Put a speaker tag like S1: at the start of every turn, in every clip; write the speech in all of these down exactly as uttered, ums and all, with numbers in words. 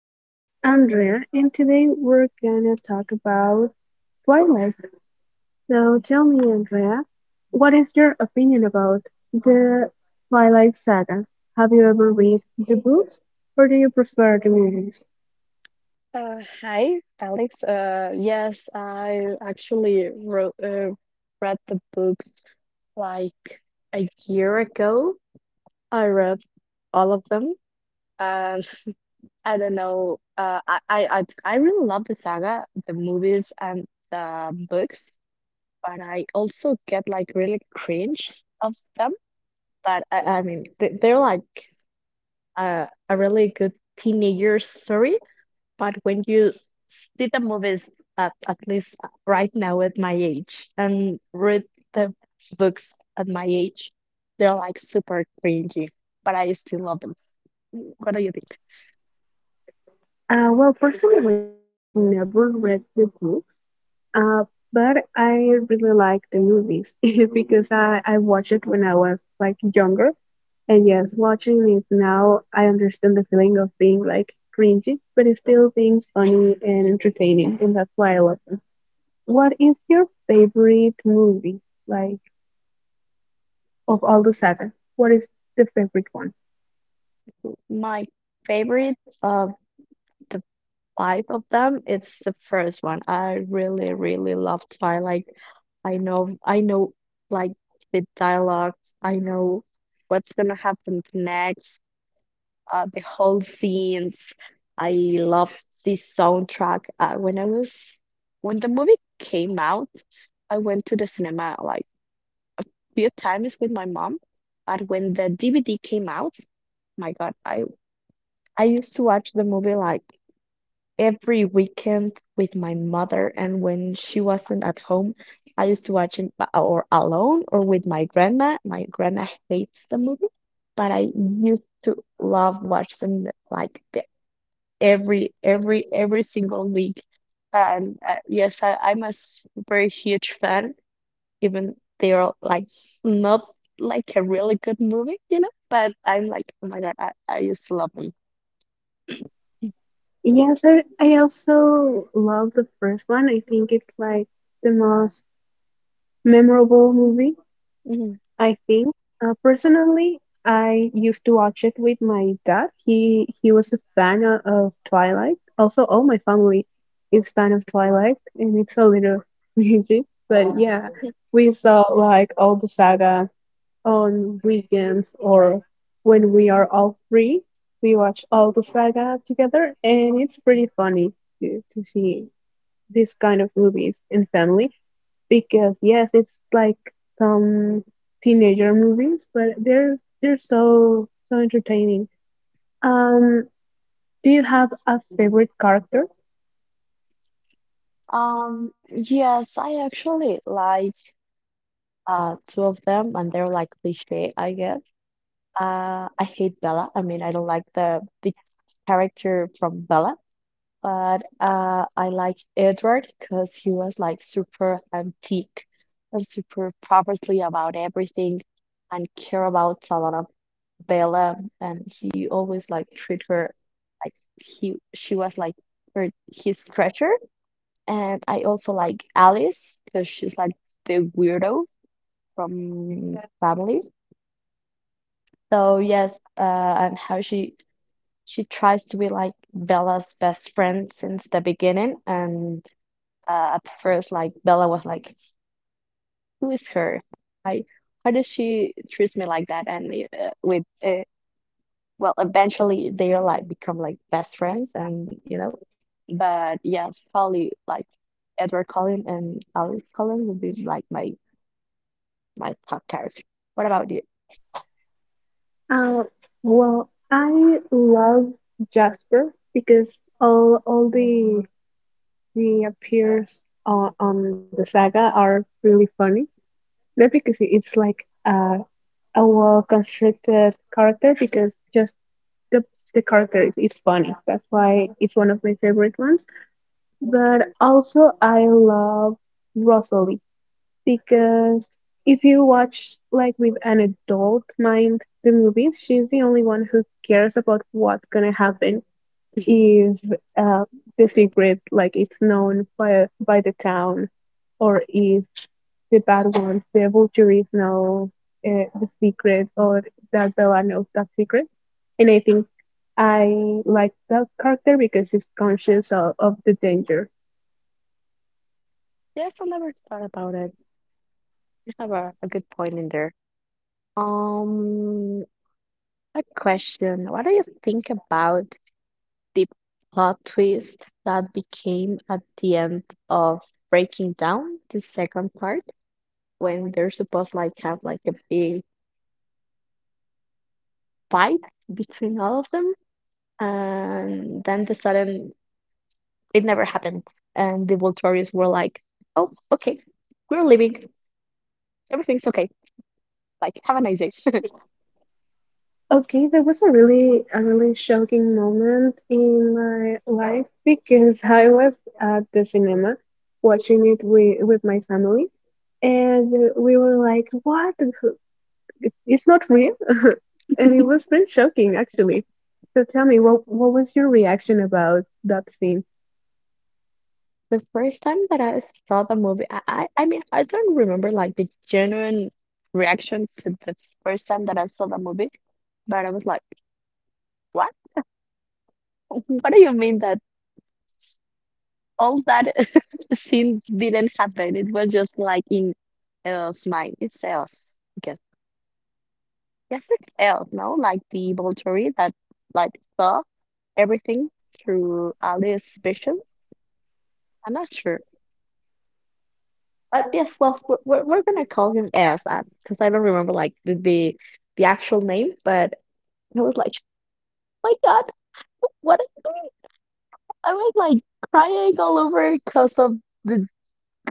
S1: with Andrea, and today we're gonna talk about Twilight. So tell me, Andrea, what is your opinion about the Twilight saga? Have you ever read the books, or do you prefer the movies?
S2: Uh, hi, Alex. Uh, yes, I actually wrote, uh, read the books like a year ago. I read all of them, and I don't know. Uh, I, I I I really love the saga, the movies, and the books, but I also get like really cringe of them. But I, I mean, they, they're like uh, a really good teenager story. But when you theater movies, at, at least right now at my age, and read the books at my age, they're like super cringy, but I still love them. What do you think?
S1: Uh, well, personally, I've never read the books, uh, but I really like the movies because I, I watched it when I was like younger. And yes, watching it now, I understand the feeling of being like cringy, but it's still being funny and entertaining, and that's why I love them. What is your favorite movie, like of all the saga? What is the favorite one?
S2: My favorite of the five of them, it's the first one. I really really love Twilight. I know i know, like the dialogues, I know what's gonna happen next, uh, the whole scenes. I love this soundtrack. Uh, when I was When the movie came out, I went to the cinema like few times with my mom. But when the D V D came out, my God, I I used to watch the movie like every weekend with my mother, and when she wasn't at home, I used to watch it b- or alone or with my grandma. My grandma hates the movie, but I used to love watching like the. every every every single week. And uh, yes, I, I'm a s- very huge fan, even they are like not like a really good movie, you know, but I'm like, oh my God, I, I used to love them.
S1: Yes, I, I also love the first one. I think it's like the most memorable movie.
S2: Mhm.
S1: I think uh, personally, I used to watch it with my dad. He he was a fan o- of Twilight. Also, all my family is fan of Twilight, and it's a little rigid, but yeah, we saw like all the saga on weekends or when we are all free. We watch all the saga together, and it's pretty funny to, to see these kind of movies in family because yes, it's like some teenager movies, but they're they're so so entertaining. Um, do you have a favorite character?
S2: Um, yes, I actually like uh two of them, and they're like cliche, I guess. Uh I hate Bella. I mean, I don't like the the character from Bella. But uh, I like Edward because he was like super antique and super properly about everything and care about a lot of Bella, and he always like treat her like he she was like her his treasure. And I also like Alice because she's like the weirdo from, Yeah. family. So yes, uh, and how she she tries to be like Bella's best friend since the beginning, and uh, at first, like Bella was like, "Who is her? Why? Why does she treats me like that?" And uh, with uh, well, eventually they are like become like best friends, and you know. But yes, probably like Edward Cullen and Alice Cullen would be like my my top character. What about you?
S1: Uh, well, I love Jasper because all all the the appears on, on the saga are really funny. Not because it- it's like a a well constructed character, because just the the character is, is funny. That's why it's one of my favorite ones. But also I love Rosalie because if you watch like with an adult mind the movie, she's the only one who cares about what's gonna happen if, uh, the secret like it's known by by the town or if the bad ones, the vultures know, uh, the secret or that Bella knows that secret. And I think I like that character because she's conscious of, of the danger.
S2: Yes, I never thought about it. You have a, a good point in there. Um, a question. What do you think about the plot twist that became at the end of Breaking Down, the second part, when they're supposed like have like a big fight between all of them, and then the sudden it never happened, and the Voltorians were like, "Oh, okay, we're leaving. Everything's okay. Like, have a nice day."
S1: Okay, that was a really a really shocking moment in my life because I was at the cinema watching it with with my family, and uh, we were like, "What? It- It's not real?" And it was pretty shocking actually. So tell me, what what was your reaction about that scene?
S2: The first time that I saw the movie, I, I I mean I don't remember like the genuine reaction to the first time that I saw the movie, but I was like, "What?" What do you mean that all that scene didn't happen? It was just like in El's mind. It's El's. Because yes, it's El's, no? Like the Volturi that like saw everything through Alice's vision. I'm not sure. But yes, well, we're, we're we're gonna call him Els because I don't remember like the, the the actual name. But I was like, "Oh my God, what? am I doing?" I was like crying all over because of the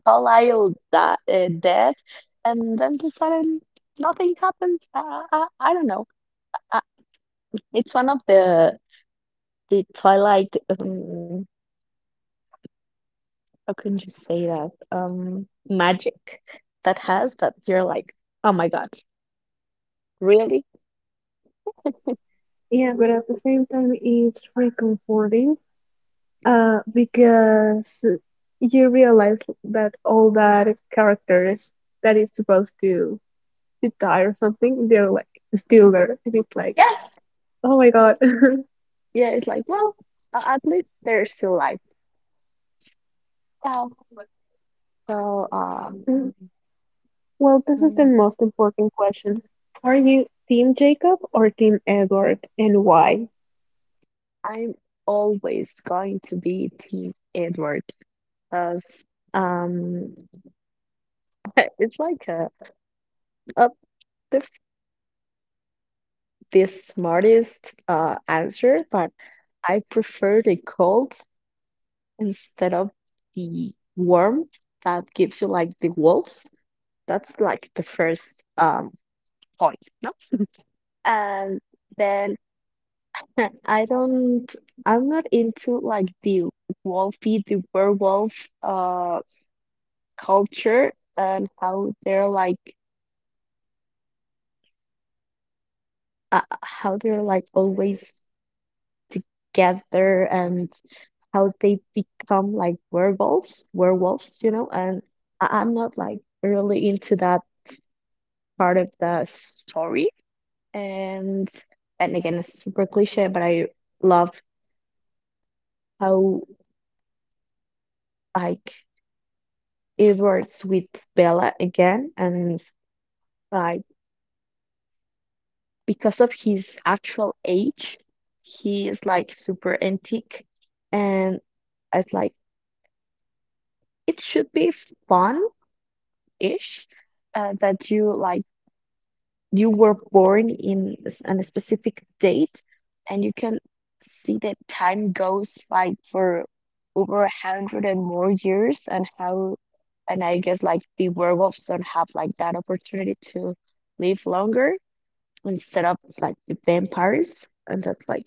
S2: Carlisle that uh, dead, and then the sudden nothing happens. I, I, I don't know. Uh, it's one of the the Twilight. Um, how can you say that? Um, magic that has that you're like, oh my God, really?
S1: Yeah, but at the same time, it's reconforting. Uh, because you realize that all that characters that is supposed to to die or something, they're like still there, and it's like,
S2: Yes.
S1: yeah, oh my god.
S2: Yeah. It's like, well, uh, at least they're still alive. Um, so um,
S1: Well, this is the
S2: mm,
S1: most important question. Are you Team Jacob or Team Edward, and why?
S2: I'm always going to be Team Edward because um, it's like a up the, the smartest uh, answer, but I prefer the cold instead of the warmth that gives you like the wolves. That's like the first um point, no? And then I don't I'm not into like the wolfy, the werewolf uh culture and how they're like uh, how they're like always together, and how they become like werewolves, werewolves, you know, and I- I'm not like really into that part of the story. And and again, it's super cliche, but I love how like Edward's with Bella again, and like because of his actual age, he is like super antique, and it's like it should be fun ish, uh, that you like you were born in s- on a specific date, and you can see that time goes like for over a hundred and more years, and how, and I guess like the werewolves don't have like that opportunity to live longer instead of like the vampires, and that's like,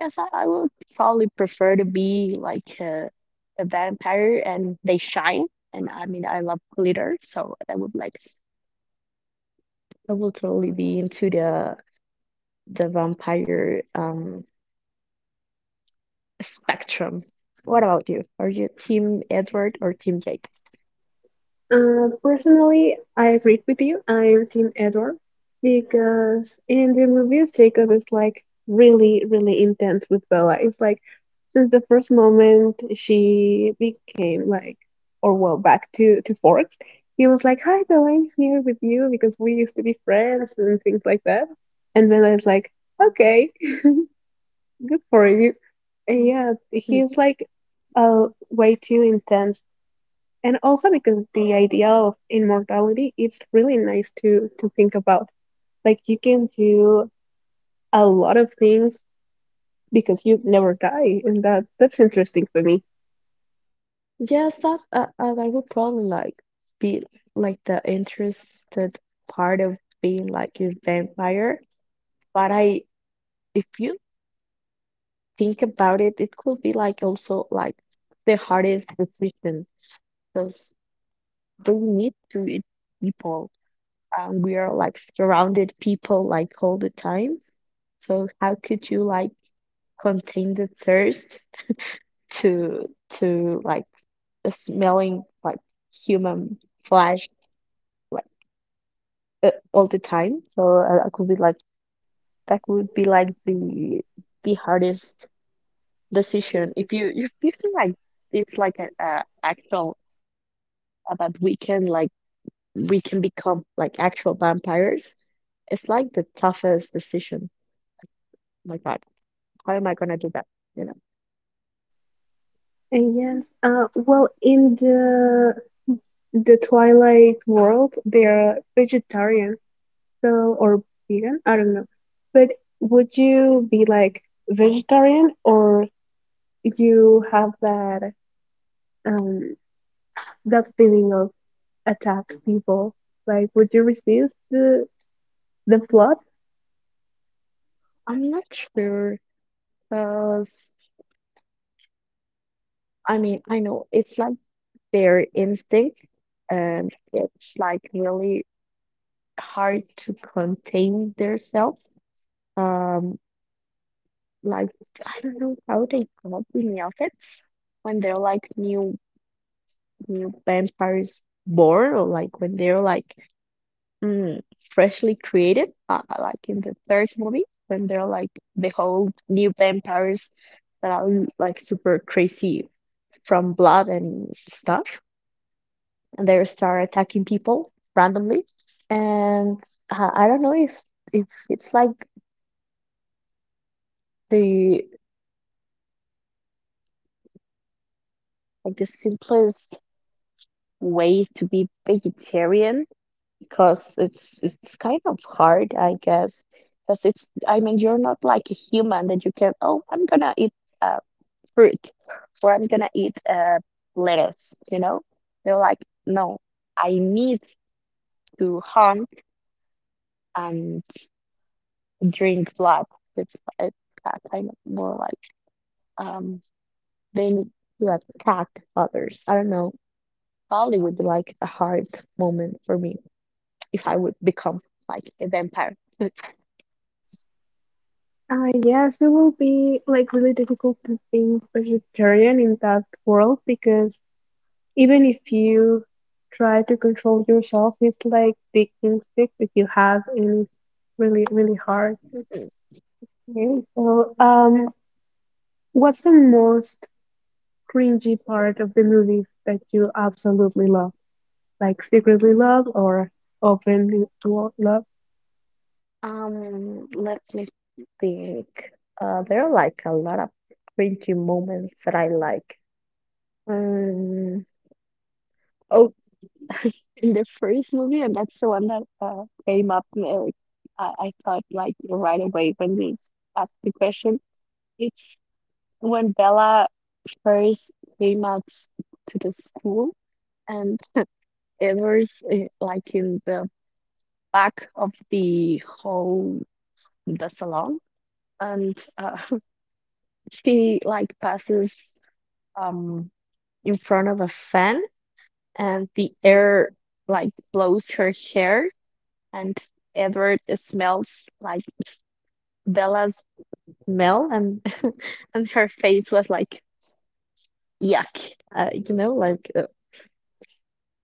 S2: yes, I, I would probably prefer to be like a, a vampire, and they shine, and I mean I love glitter, so I would like I will totally be into the the vampire um spectrum. What about you? Are you Team Edward or Team Jacob?
S1: Uh, personally, I agreed with you. I'm Team Edward because in the movies, Jacob is like really, really intense with Bella. It's like since the first moment she became like, or well, back to to Forks, he was like, "Hi, Bella, I'm here with you because we used to be friends and things like that." And Bella is like, "Okay, good for you." And
S2: Mm.
S1: yeah, he's like uh, way too intense, and also because the idea of immortality it's really nice to to think about, like you can do a lot of things because you never die, and that that's interesting for me.
S2: Yes, that uh, uh, I would probably like be like the interested part of being like a vampire. But I, if you think about it, it could be like also like the hardest decision because we need to eat people, and we are like surrounded people like all the time. So how could you like contain the thirst to to like smelling like human flesh like uh, all the time. So uh, I could be like That would be like the the hardest decision. If you if you feel like it's like a, a actual, uh, that we can like we can become like actual vampires, it's like the toughest decision. Like that. How am I gonna do that? You know,
S1: And yes, uh well, in the the Twilight world, they're vegetarian, so, or vegan, I don't know. But would you be like vegetarian, or you have that, um that feeling of attack people. Like, would you resist the the flood?
S2: I'm not sure because I mean I know it's like their instinct, and it's like really hard to contain themselves. Um, like, I don't know how they got the outfits when they're like new new vampires born, or like when they're like mm, freshly created, uh, like in the third movie when they're like the whole new vampires that are like super crazy from blood and stuff. They start attacking people randomly, and uh, I don't know if if it's like the like the simplest way to be vegetarian, because it's it's kind of hard, I guess, because it's, I mean, you're not like a human that you can, oh, I'm gonna eat uh, fruit, or I'm gonna eat uh, lettuce, you know, they're like, no, I need to hunt and drink blood. It's, it's uh, kind of more like, um they need to like attack others. I don't know. Probably would be like a hard moment for me if I would become like a vampire.
S1: Uh, yes, it will be like really difficult to think vegetarian in that world because even if you try to control yourself, it's like the instinct that you have, and it's really, really hard. Okay. So, um, what's the most cringy part of the movie that you absolutely love? Like secretly love or openly lo- love?
S2: Um, let me think. Uh, there are like a lot of cringy moments that I like. Um, oh, in the first movie, and that's the one that uh, came up. uh, I, I thought like right away when you asked the question. It's. When Bella first came out s- to the school, and it was eh, like in the back of the whole the salon, and uh, she like passes um in front of a fan, and the air like blows her hair, and Edward smells like Bella's smell, and and her face was like, yuck, uh, you know, like. uh,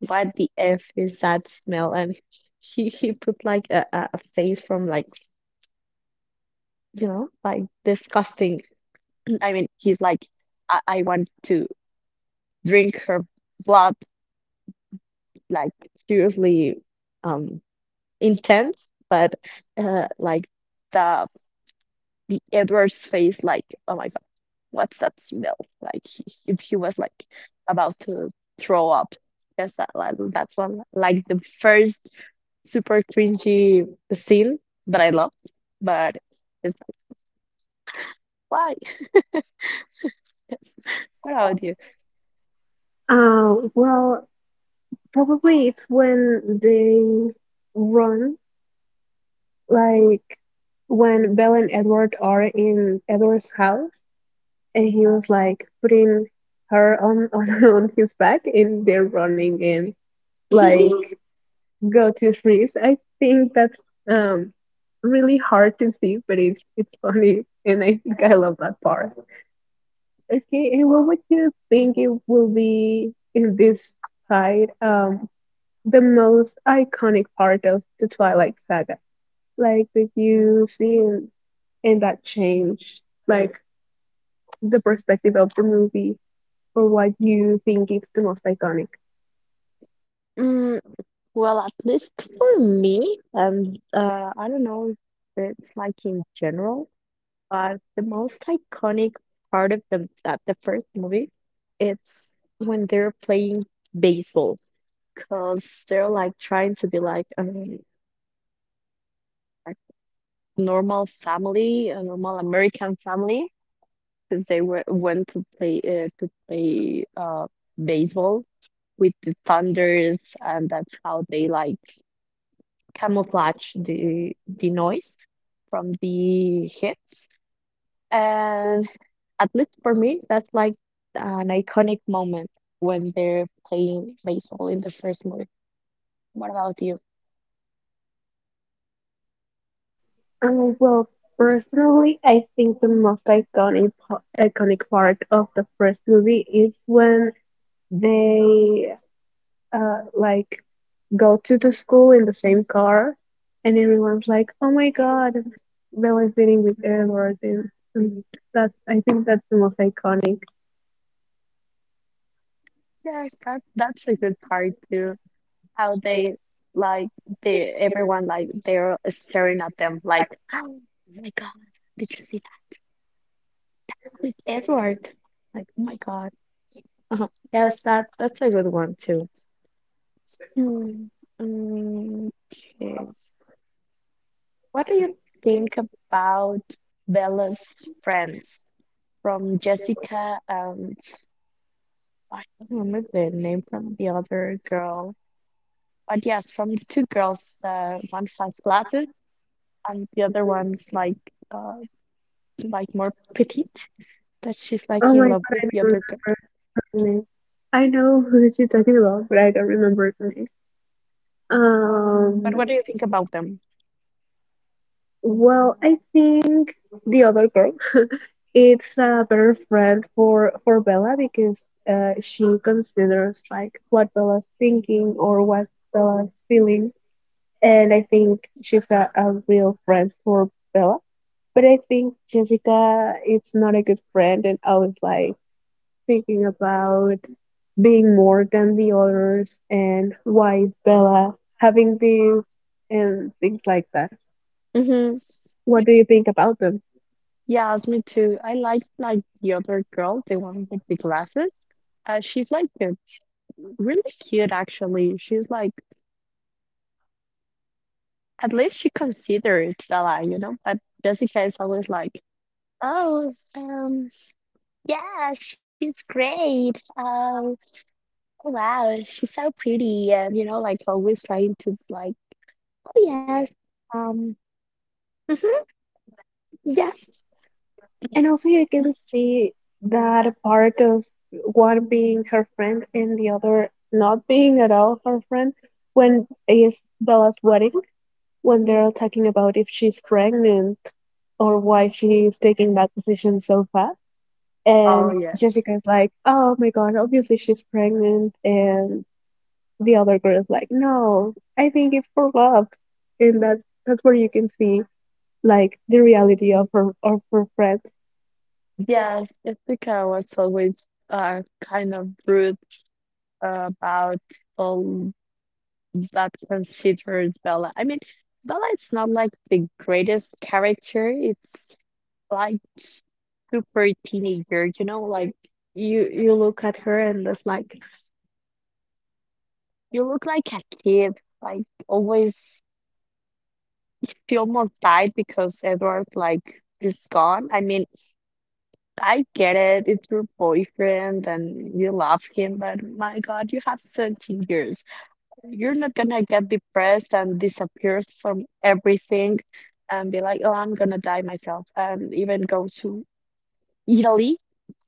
S2: what the F is that smell? And he he put like a, a a face from like, you know, like disgusting. I mean, he's like, I, I want to drink her blood, like, seriously um intense, but uh like the the Edward's face, like, oh my God, what's that smell? Like he, he he was like about to throw up. Yes, that, like, that's one like the first super cringy scene that I love, but it's like, why? What about you?
S1: Uh, well, probably it's when they run, like when Belle and Edward are in Edward's house, and he was like putting her on on, on his back, and they're running and like go to freeze. I think that's um really hard to see, but it's it's funny, and I think I love that part. Okay, and what would you think it will be in this side, um, the most iconic part of the Twilight Saga? Like that you see in, in that change, like the perspective of the movie, or what you think is the most iconic?
S2: Mm, well, at least for me, and uh, I don't know if it's like in general, but the most iconic part of the that the first movie, it's when they're playing baseball, because they're like trying to be like, um, a, like, normal family, a normal American family, because they were, went to play uh, to play uh, baseball with the thunders, and that's how they like camouflage the the noise from the hits. And at least for me, that's like an iconic moment when they're playing baseball in the first movie. What about you?
S1: Um, well, personally, I think the most iconic pa- iconic part of the first movie is when they uh like go to the school in the same car, and everyone's like, "Oh my God, Bella's dating with Edward." And, and that's, I think that's the most iconic.
S2: Yes, that that's a good part too. How they like the everyone like they're staring at them like, oh my god, did you see that with Edward, like, oh my god, uh-huh. Yes, that that's a good one too. Hmm, mm, okay. What do you think about Bella's friends from Jessica and I don't remember the name from the other girl, but yes, from the two girls, uh, one has glasses and the other one's like uh. like more petite, that she's like
S1: Oh
S2: in
S1: my
S2: love
S1: God,
S2: with
S1: I don't
S2: the other girl.
S1: remember her name. I know who she's talking about, but I don't remember her name.
S2: So, but
S1: Um,
S2: what do you think about them?
S1: well, I think the other girl, it's a better friend for for Bella because uh, she considers like what Bella's thinking or what Bella's feeling, and I think she's a, a real friend for Bella. But I think Jessica is not a good friend and always like thinking about being more than the others and why is Bella having this, and things like that.
S2: Mm-hmm.
S1: What do you think about them?
S2: Yes, me too. I like like the other girl, the one with the glasses. Uh, she's like uh, really cute, actually. She's like at least she considers Bella, you know. But Jessica is always like, oh, um, yeah, she's great. Um, oh, wow, she's so pretty, and you know, like always trying to like, oh yes, um, mm-hmm, yes.
S1: And also you can see that part of one being her friend and the other not being at all her friend when is Bella's wedding, when they're talking about if she's pregnant or why she's taking that decision so fast.
S2: Oh,
S1: And
S2: yes.
S1: Jessica's like, oh my God, obviously she's pregnant. And the other girl's like, no, I think it's for love. And that's, that's where you can see like the reality of her of her friends.
S2: Yes, Ithaca was always uh, kind of rude uh, about all that considered Bella. I mean, Bella is not like the greatest character. It's like super teenager, you know, like you you look at her and it's like you look like a kid. Like always, she almost died because Edward like is gone. I mean, I get it. It's your boyfriend and you love him, but my God, you have seventeen years. You're not gonna get depressed and disappear from everything and be like, oh, I'm gonna die myself. And even go to Italy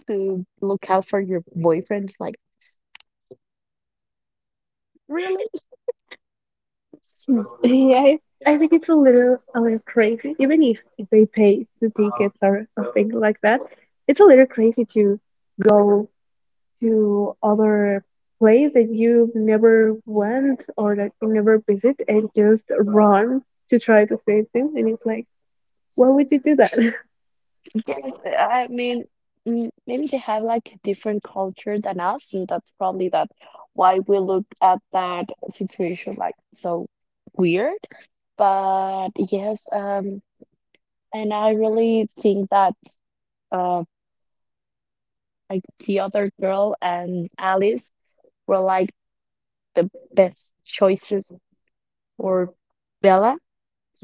S2: to look out for your boyfriend. It's like, really? Hmm.
S1: Yeah, I, I think it's a little a little crazy, even if they pay the tickets or something like that. It's a little crazy to go to other place that you never went or that you never visit and just run to try to save them, and it's like why would you do that?
S2: Yes. I mean, mm, maybe they have like a different culture than us, and that's probably that why we look at that situation like so weird. But yes, um, and I really think that uh, like the other girl and Alice were like the best choices for Bella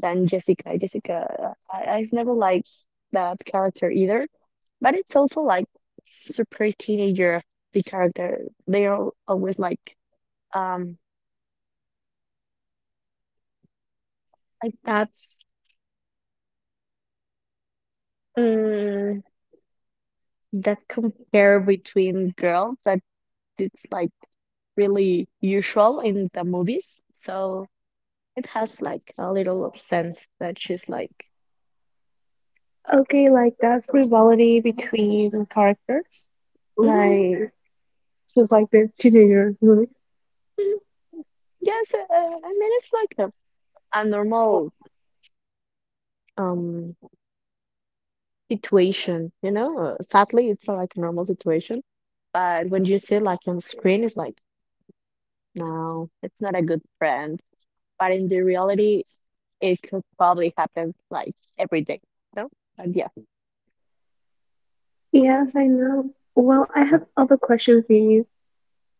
S2: than Jessica. Jessica, uh, I, I've never liked that character either, but it's also like super teenager, the character. They are always like, um, like that's um, that compare between girls that it's like really usual in the movies. So it has like a little of sense that she's like,
S1: Okay, like that's rivalry between characters,
S2: "Mhm,
S1: like just like the teenager movie.
S2: mhm, yes, uh, I mean, it's like a, a normal um situation, you know? Uh, sadly, it's uh, like a normal situation. But when you see it like on screen, it's like, no, it's not a good friend. But in the reality, it could probably happen like every day, no? But yeah.
S1: Yes, I know. Well, I have other questions for you.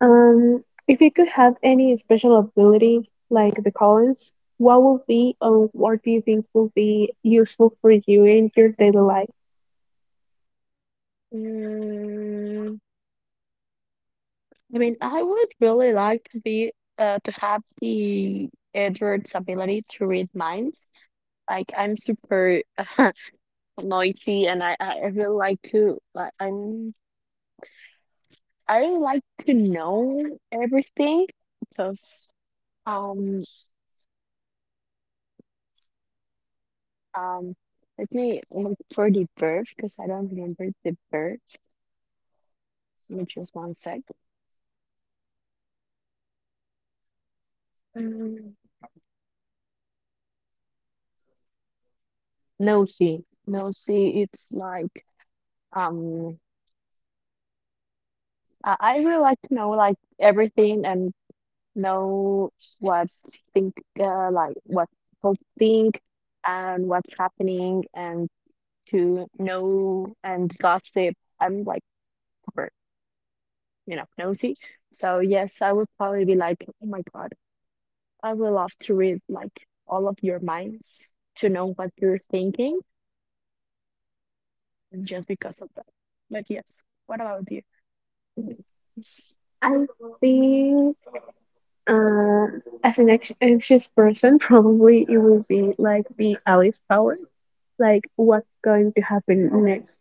S1: um if you could have any special ability like the Collins, what would be, or what do you think will be useful for you in your daily life?
S2: Mm, I mean, I would really like to be uh, to have the Edward's ability to read minds. Like I'm super noisy, and I I I really like to like I'm I really like to know everything because um um let me look for the verb because I don't remember the verb. Give me just one sec. Um, nosy, nosy. It's like um I I really like to know like everything and know what think, uh, like what people think and what's happening and to know and gossip. I'm like super, you know, nosy. So yes, I would probably be like, oh my God, I would love to read like all of your minds to know what you're thinking just because of that. But yes, what about you?
S1: I think uh, as an anx- anxious person, probably it will be like the Alice power, like what's going to happen next.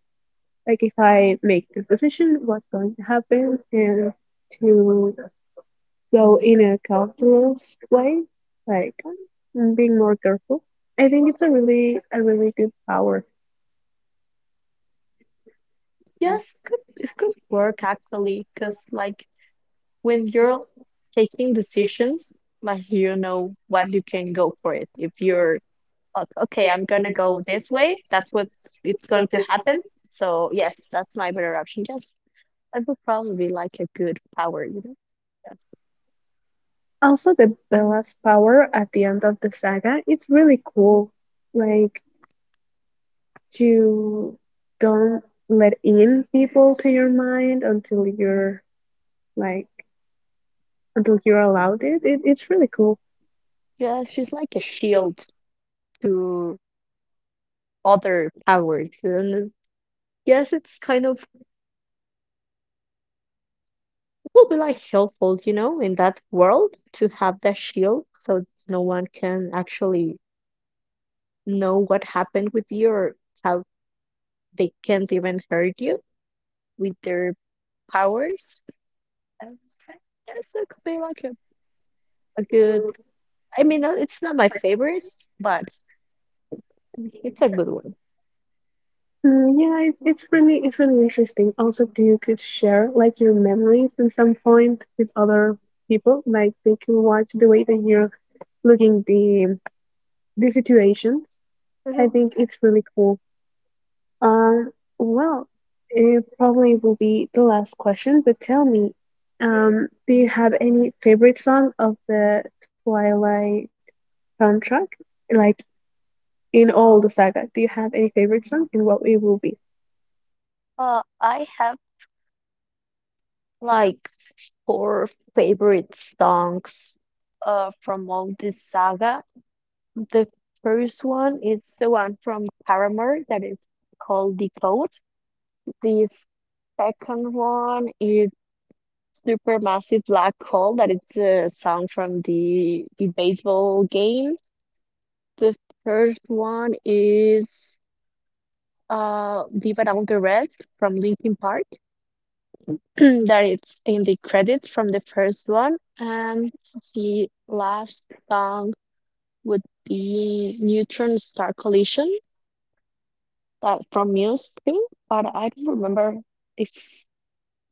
S1: Like if I make this decision, what's going to happen, and to go in a calculus way, like
S2: Um,
S1: mm, being more careful. I think it's a really a really good power.
S2: Yes, could it could work actually, because like when you're taking decisions, like you know what you can go for it. If you're like, okay, I'm gonna go this way, that's what it's going to happen. So yes, that's my better option. Yes, that would probably be like a good power, you know? Yes.
S1: Also, the Bella's power at the end of the saga, it's really cool. Like to don't let in people to your mind until you're like until you're allowed it, it it's really cool.
S2: Yeah, she's like a shield to other powers. And uh, yes, it's kind of will be like helpful, you know, in that world to have that shield so no one can actually know what happened with you or how they can't even hurt you with their powers. And so yes, it could be like a, a good. I mean, uh, it's not my favorite, but it's a good one.
S1: Mm, yeah, it, it's really it's really interesting. Also, do you could share like your memories at some point with other people, like they can watch the way that you're looking the the situations. I
S2: Mhm.
S1: think it's really cool. Uh, well, it probably will be the last question, but tell me, um, do you have any favorite song of the Twilight soundtrack? Like in all the saga, do you have any favorite song and what it will be?
S2: Uh, I have like four favorite songs uh, from all this saga. The first one is the one from Paramore that is called Decode. The second one is Supermassive Black Hole, that it's a song from the the baseball game. The first one is uh Leave It All the Rest from Linkin Park, that it's in the credits from the first one. And the last song would be Neutron Star Collision that from Muse too, but I don't remember if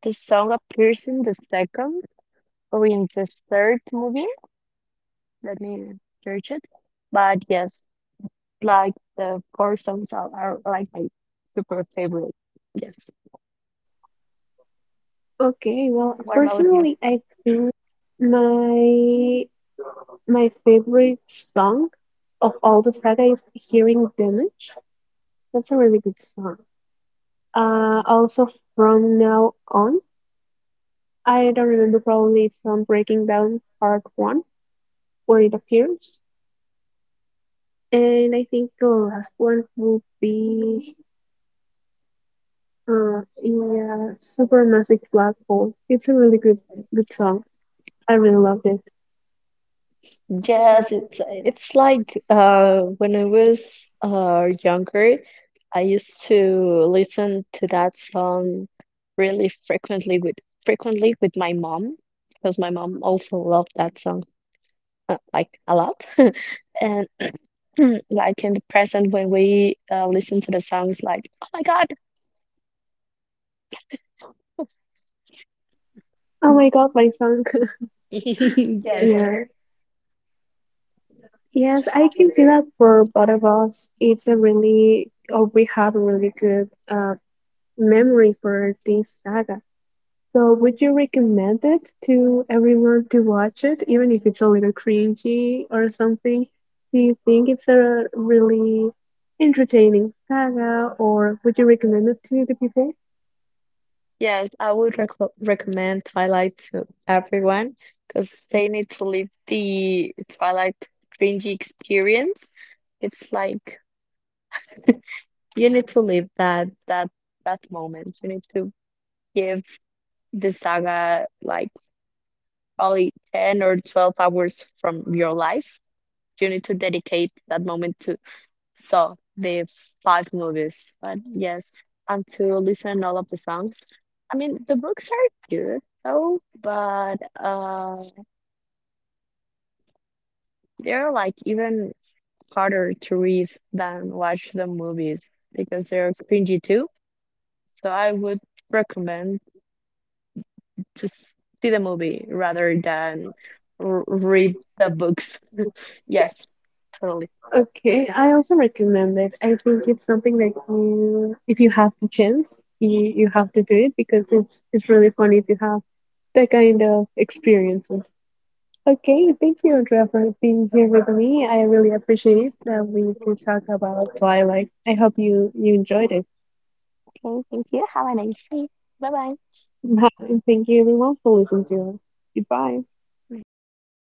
S2: the song appears in the second or in the third movie. Let me search it. But yes, like the four songs are, are like my super favorite. Yes.
S1: Okay, well,
S2: What about you?
S1: personally, I think my my favorite song of all the saga is Hearing Damage. That's a really good song. Uh, also from now on. I don't remember. Probably it's from Breaking Down Part One where it appears, and I think the last one will be, uh yeah, Supermassive Black Hole. It's a really good good song. I really loved it.
S2: Yes, it's it's like uh, when I was uh, younger, I used to listen to that song really frequently with frequently with my mom because my mom also loved that song, uh, like a lot. And like in the present when we uh, listen to the songs, like oh my God.
S1: Oh my god, my song.
S2: Yes,
S1: Yeah. Yes, I can see that for both of us. It's a really, oh, we have a really good uh memory for this saga. So would you recommend it to everyone to watch it, even if it's a little cringy or something? Do you think it's a really entertaining saga, or would you recommend it to the people?
S2: yes, I would rec recommend Twilight to everyone because they need to live the Twilight cringy experience. It's like you need to live that that that moment. You need to give the saga like probably ten or twelve hours from your life. You need to dedicate that moment to. So the five movies. But yes, and to listen all of the songs. I mean, the books are good though, but uh, they're like even harder to read than watch the movies because they're cringy too. So I would recommend to s- see the movie rather than r read the books. Yes, totally.
S1: Okay, I also recommend it. I think it's something that you, if you have the chance, you, you have to do it because it's it's really funny to have that kind of experience. Okay, thank you, Andrea, for being here with me. I really appreciate that we could talk about Twilight. I hope you you enjoyed it.
S2: Okay, thank you. Have a nice day. Bye bye.
S1: And thank you everyone for listening to us. Goodbye.
S2: Bye.